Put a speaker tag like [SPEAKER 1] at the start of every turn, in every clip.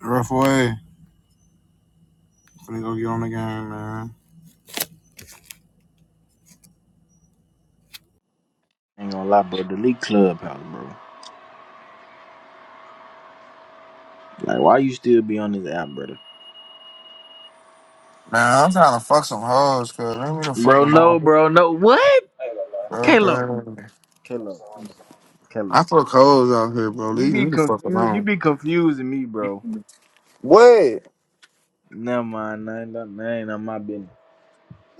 [SPEAKER 1] Rough way. Finna go get on the game, man.
[SPEAKER 2] Ain't gonna lie, bro. Delete Clubhouse, bro. Like, why you still be on this app, brother?
[SPEAKER 1] Nah, I'm trying to fuck some hoes, cuz. Leave me the fuck
[SPEAKER 2] Bro, no,
[SPEAKER 1] alone.
[SPEAKER 2] bro, no. What?
[SPEAKER 1] Bro,
[SPEAKER 2] Kalo,
[SPEAKER 1] bro.
[SPEAKER 2] Kalo,
[SPEAKER 1] I
[SPEAKER 2] Kalo.
[SPEAKER 1] fuck hoes out here, bro.
[SPEAKER 2] You
[SPEAKER 1] Leave
[SPEAKER 2] be
[SPEAKER 1] me the fuck
[SPEAKER 2] confused. You
[SPEAKER 1] alone.
[SPEAKER 2] be confusing me, bro.
[SPEAKER 1] What?
[SPEAKER 2] Never mind. That ain't, that ain't none of my business.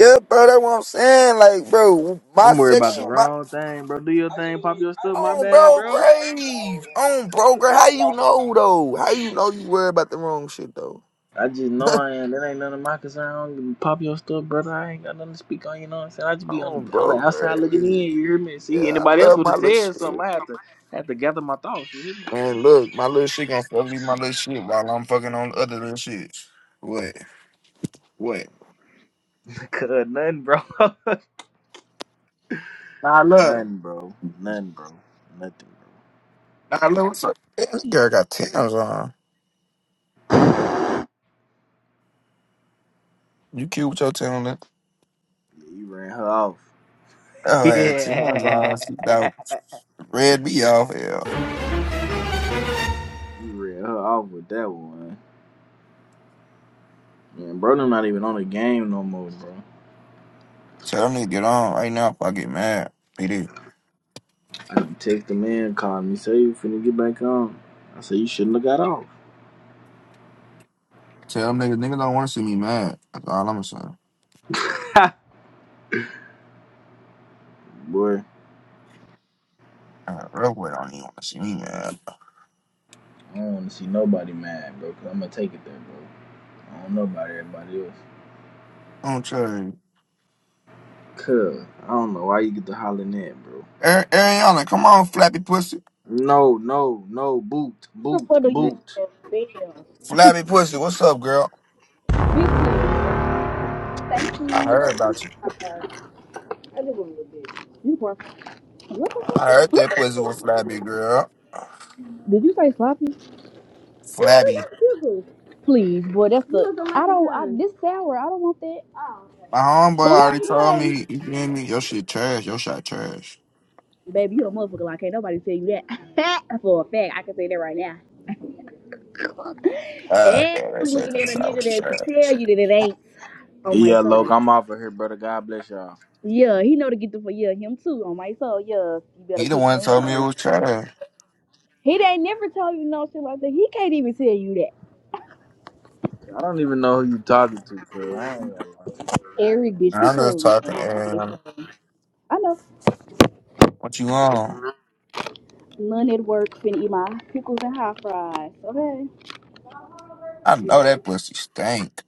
[SPEAKER 1] Yeah, bro, that's what I'm saying. Like, bro, my
[SPEAKER 2] I'm worried
[SPEAKER 1] sex,
[SPEAKER 2] about the
[SPEAKER 1] she- my
[SPEAKER 2] wrong thing, bro. Do your thing. Pop your stuff. My
[SPEAKER 1] on
[SPEAKER 2] bad,
[SPEAKER 1] bro
[SPEAKER 2] bro.
[SPEAKER 1] brave, On bro girl, How you know though? How you know you worry about the wrong shit though?
[SPEAKER 2] I just know I ain't. That ain't none of my concern. I don't give a pop your stuff, brother. I ain't got nothing to speak on. You know what I'm saying? I just be on
[SPEAKER 1] On
[SPEAKER 2] the, on the
[SPEAKER 1] bro
[SPEAKER 2] outside looking in.
[SPEAKER 1] grave.
[SPEAKER 2] You hear me? See,
[SPEAKER 1] Yeah, I
[SPEAKER 2] anybody else
[SPEAKER 1] love
[SPEAKER 2] would
[SPEAKER 1] my
[SPEAKER 2] have
[SPEAKER 1] little
[SPEAKER 2] said
[SPEAKER 1] shit.
[SPEAKER 2] something. I have to have to gather my thoughts. You hear me?
[SPEAKER 1] Man, look, my little shit gonna fuck me, my little shit while I'm fucking on the other little shit. What? What?
[SPEAKER 2] Cause nothing, bro.
[SPEAKER 1] Nah, look.
[SPEAKER 2] Nothing, bro. Nothing, bro. Nothing, bro.
[SPEAKER 1] Nah, look, what's up? Man, This girl got Tim's on. You cute with your Tim on.
[SPEAKER 2] Yeah, you ran her off.
[SPEAKER 1] Oh, I had Tim's
[SPEAKER 2] Yeah.
[SPEAKER 1] on. She about red me off, hell.
[SPEAKER 2] You ran her off with that one. Man, bro, I'm not even on the game no more, bro.
[SPEAKER 1] Tell them niggas get on right now if I get mad. PD.
[SPEAKER 2] I done text the man, called me, say you finna get back on. I said you shouldn't have got
[SPEAKER 1] Tell them niggas, niggas don't wanna see me mad. That's all I'm saying.
[SPEAKER 2] off, boy.
[SPEAKER 1] Uh, real quick, don't even wanna see me mad.
[SPEAKER 2] I don't want to see nobody mad, bro, because I'm going to take it there, bro. I don't know about everybody else.
[SPEAKER 1] I am not Ari-
[SPEAKER 2] Cuz, I don't know why you get to hollering at, bro.
[SPEAKER 1] Ariana, come on, flappy pussy.
[SPEAKER 2] No, no, no, boot, boot,
[SPEAKER 3] What do you
[SPEAKER 2] boot.
[SPEAKER 3] want
[SPEAKER 1] Flappy pussy, what's up, girl?
[SPEAKER 3] Bitch, please. Thank
[SPEAKER 1] I
[SPEAKER 3] you.
[SPEAKER 1] heard
[SPEAKER 3] I
[SPEAKER 1] about
[SPEAKER 3] just
[SPEAKER 1] you.
[SPEAKER 3] want a little bit. You can pour. What the fuck?
[SPEAKER 1] I heard that pussy was flabby, girl.
[SPEAKER 3] Did you say sloppy? You already
[SPEAKER 1] Flabby.
[SPEAKER 3] got sugar. Please, boy, that's You the. You don't like I don't. I, this sour. I don't want that. Oh, okay.
[SPEAKER 1] My homeboy
[SPEAKER 3] But what I
[SPEAKER 1] already
[SPEAKER 3] was
[SPEAKER 1] told
[SPEAKER 3] saying,
[SPEAKER 1] me, you feel me? Your shit trash. Your shot trash.
[SPEAKER 3] baby, you a motherfucker. Like, can't nobody tell you that. For a fact, I can say that right now.
[SPEAKER 1] God
[SPEAKER 3] And
[SPEAKER 1] damn, that
[SPEAKER 3] I'm
[SPEAKER 1] shit
[SPEAKER 3] looking at a
[SPEAKER 1] thinks I
[SPEAKER 3] nigga
[SPEAKER 1] was
[SPEAKER 3] that can
[SPEAKER 1] trash.
[SPEAKER 3] tell you that it ain't on my
[SPEAKER 2] Yeah, Loke,
[SPEAKER 3] soul.
[SPEAKER 2] I'm off of here, brother. God bless y'all.
[SPEAKER 3] Yeah, he know to get the for yeah him too on my soul. Yeah, you better
[SPEAKER 1] He the
[SPEAKER 3] quit
[SPEAKER 1] one
[SPEAKER 3] playing
[SPEAKER 1] told
[SPEAKER 3] on
[SPEAKER 1] me it
[SPEAKER 3] this.
[SPEAKER 1] was trash.
[SPEAKER 3] He ain't never told you no shit like that. He can't even tell you that.
[SPEAKER 2] I don't even know who you talking to, cuz. I ain't gonna lie.
[SPEAKER 3] Eric, bitch,
[SPEAKER 1] And
[SPEAKER 3] quit
[SPEAKER 1] I'm just
[SPEAKER 3] playing with me.
[SPEAKER 1] talking,
[SPEAKER 3] Okay,
[SPEAKER 1] and
[SPEAKER 3] so, I know.
[SPEAKER 1] What you on?
[SPEAKER 3] None at work finna eat my pickles and hot fries. Okay,
[SPEAKER 1] I know that pussy stank.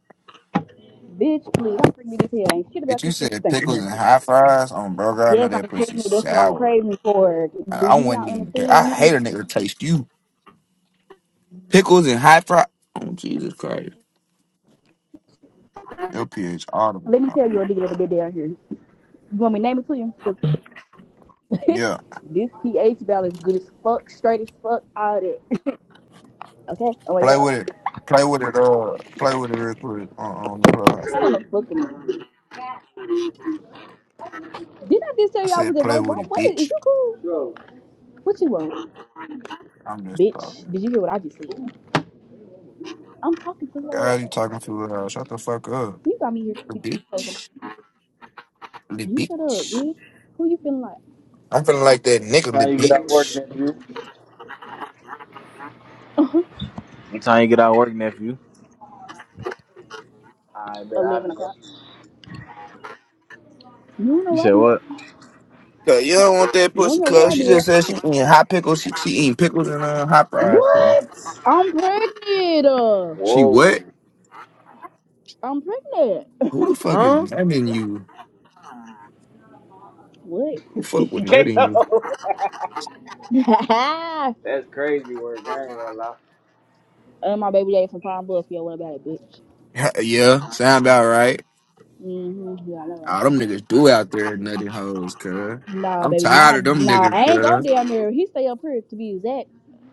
[SPEAKER 3] bitch, please don't bring me this here. Ain't shit
[SPEAKER 1] Bitch,
[SPEAKER 3] about
[SPEAKER 1] you
[SPEAKER 3] this pussy
[SPEAKER 1] said
[SPEAKER 3] stinking
[SPEAKER 1] pickles
[SPEAKER 3] here.
[SPEAKER 1] and high fries on burger. I know
[SPEAKER 3] Yes,
[SPEAKER 1] that
[SPEAKER 3] I'm
[SPEAKER 1] pussy
[SPEAKER 3] pregnant. That's what I'm
[SPEAKER 1] sour.
[SPEAKER 3] craving for.
[SPEAKER 1] I,
[SPEAKER 3] Do
[SPEAKER 1] I
[SPEAKER 3] you
[SPEAKER 1] wasn't
[SPEAKER 3] not
[SPEAKER 1] even there. I
[SPEAKER 3] understand me?
[SPEAKER 1] hate a nigga taste you. Pickles and high fries. Oh, Jesus Christ. Your pH audible.
[SPEAKER 3] Let me tell you a nigga that been down here. You want me to name it to you? 'Cause
[SPEAKER 1] Yeah.
[SPEAKER 3] this pH balance good as fuck, straight as fuck, all that. Okay, always
[SPEAKER 1] Play with
[SPEAKER 3] up.
[SPEAKER 1] it. Play with it. Uh, play with it real quick on, on the clubhouse.
[SPEAKER 3] I don't know fucking. Did I just
[SPEAKER 1] I
[SPEAKER 3] tell you I
[SPEAKER 1] said,
[SPEAKER 3] was at
[SPEAKER 1] play
[SPEAKER 3] work?
[SPEAKER 1] with
[SPEAKER 3] What,
[SPEAKER 1] it,
[SPEAKER 3] what is, is
[SPEAKER 1] bitch.
[SPEAKER 3] you cool? What you want?
[SPEAKER 1] I'm just
[SPEAKER 3] Bitch,
[SPEAKER 1] talking.
[SPEAKER 3] did you hear what I just said? I'm talking to somebody over
[SPEAKER 1] God,
[SPEAKER 3] the
[SPEAKER 1] you
[SPEAKER 3] phone.
[SPEAKER 1] talking to? Uh, shut the fuck up,
[SPEAKER 3] You got me here
[SPEAKER 1] little
[SPEAKER 3] speaking to somebody.
[SPEAKER 1] bitch. Little
[SPEAKER 3] You shut up,
[SPEAKER 1] bitch.
[SPEAKER 3] bitch. Who you feeling like?
[SPEAKER 1] I'm feeling like that nigga, little
[SPEAKER 2] time you get out of work,
[SPEAKER 1] bitch.
[SPEAKER 2] nephew?
[SPEAKER 3] Uh huh.
[SPEAKER 2] What time you get out of work, nephew? I bet I'll
[SPEAKER 3] 11
[SPEAKER 2] be there.
[SPEAKER 3] o'clock. You don't know
[SPEAKER 2] You
[SPEAKER 3] where I
[SPEAKER 2] said
[SPEAKER 3] be at.
[SPEAKER 2] what?
[SPEAKER 1] Cause you don't want that
[SPEAKER 3] You don't
[SPEAKER 1] pussy,
[SPEAKER 3] know where
[SPEAKER 1] cuz
[SPEAKER 3] I
[SPEAKER 1] she
[SPEAKER 3] be at.
[SPEAKER 1] just said she eating hot pickles. She, she eating pickles and uh, hot fries. Cuz.
[SPEAKER 2] What?
[SPEAKER 3] I'm pregnant. Uh,
[SPEAKER 1] She
[SPEAKER 2] Whoa.
[SPEAKER 1] what?
[SPEAKER 3] I'm pregnant.
[SPEAKER 1] Who the fuck is
[SPEAKER 2] Huh?
[SPEAKER 1] nutting you?
[SPEAKER 3] what?
[SPEAKER 1] Who the fuck with
[SPEAKER 2] He can't
[SPEAKER 1] nutting you?
[SPEAKER 2] go. That's crazy work. I ain't gonna lie.
[SPEAKER 3] And my baby daddy from Palm Bluff. Yo, what about it, bitch?
[SPEAKER 1] Yeah, sound about right.
[SPEAKER 3] Mm-hmm. Yeah, I know, right?
[SPEAKER 1] All them niggas do out there nutty hoes, cuz.
[SPEAKER 3] Nah,
[SPEAKER 1] I'm
[SPEAKER 3] baby,
[SPEAKER 1] tired
[SPEAKER 3] my
[SPEAKER 1] of them
[SPEAKER 3] nah,
[SPEAKER 1] niggas,
[SPEAKER 3] I ain't go
[SPEAKER 1] cuz.
[SPEAKER 3] down there. He stay up here to be exact.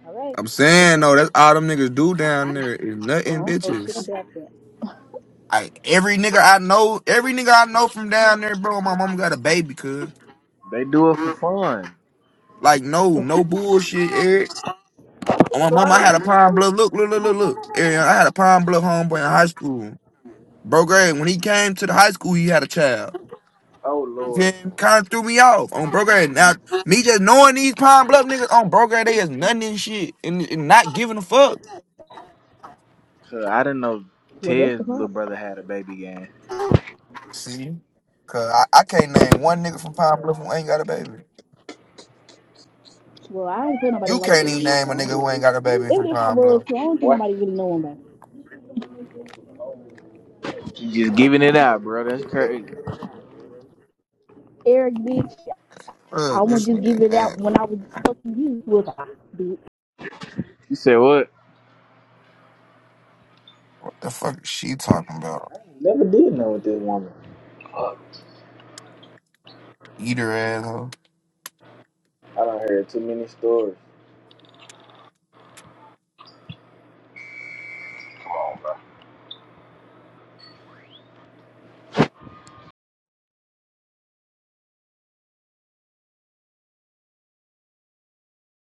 [SPEAKER 3] All right.
[SPEAKER 1] I'm saying though, that's all them niggas do down there is
[SPEAKER 3] Well, I
[SPEAKER 1] nothing
[SPEAKER 3] don't know shit
[SPEAKER 1] bitches.
[SPEAKER 3] about that.
[SPEAKER 1] I every nigga I know, every nigga I know from down there, bro, my mom got a baby, cuz.
[SPEAKER 2] They do it for fun.
[SPEAKER 1] Like no, no bullshit, Eric.
[SPEAKER 2] You
[SPEAKER 1] On my
[SPEAKER 2] ain't
[SPEAKER 1] mom, I
[SPEAKER 2] lying,
[SPEAKER 1] had a Pine
[SPEAKER 2] though,
[SPEAKER 1] Bluff. Look, look, look, look, look. Eric, I had a Pine Bluff homeboy in high school. Bro, Greg, when he came to the high school, he had a child.
[SPEAKER 2] Oh Lord,
[SPEAKER 1] then kind of threw me off on broker. And now me just knowing these Pine Bluff niggas on broker, they is nothing and shit, and, and not giving a fuck.
[SPEAKER 2] 'Cause I didn't know
[SPEAKER 3] Well, that's the
[SPEAKER 2] Ted's little
[SPEAKER 3] problem.
[SPEAKER 2] brother had a baby gang.
[SPEAKER 1] See? Cause I, I can't name one nigga from Pine Bluff who ain't got a baby.
[SPEAKER 3] Well, I don't feel nobody who
[SPEAKER 1] You
[SPEAKER 3] my baby
[SPEAKER 1] can't even
[SPEAKER 3] is,
[SPEAKER 1] name a
[SPEAKER 3] so
[SPEAKER 1] nigga
[SPEAKER 3] I don't
[SPEAKER 1] who ain't
[SPEAKER 3] know.
[SPEAKER 1] got a baby from
[SPEAKER 3] Even if I
[SPEAKER 1] Pine
[SPEAKER 3] was,
[SPEAKER 1] Bluff.
[SPEAKER 3] too, I don't think
[SPEAKER 2] What?
[SPEAKER 3] nobody really know him, but
[SPEAKER 2] He just giving it out, bro. That's crazy.
[SPEAKER 3] Eric, bitch,
[SPEAKER 1] Uh,
[SPEAKER 3] I wouldn't
[SPEAKER 1] this
[SPEAKER 3] just
[SPEAKER 1] nigga,
[SPEAKER 3] give it
[SPEAKER 1] uh,
[SPEAKER 3] out when I was fucking you, was I? bitch?
[SPEAKER 2] You said what?
[SPEAKER 1] What the fuck is she talking about?
[SPEAKER 2] Never did know with this woman.
[SPEAKER 1] Eat her ass. huh?
[SPEAKER 2] I don't hear too many stories.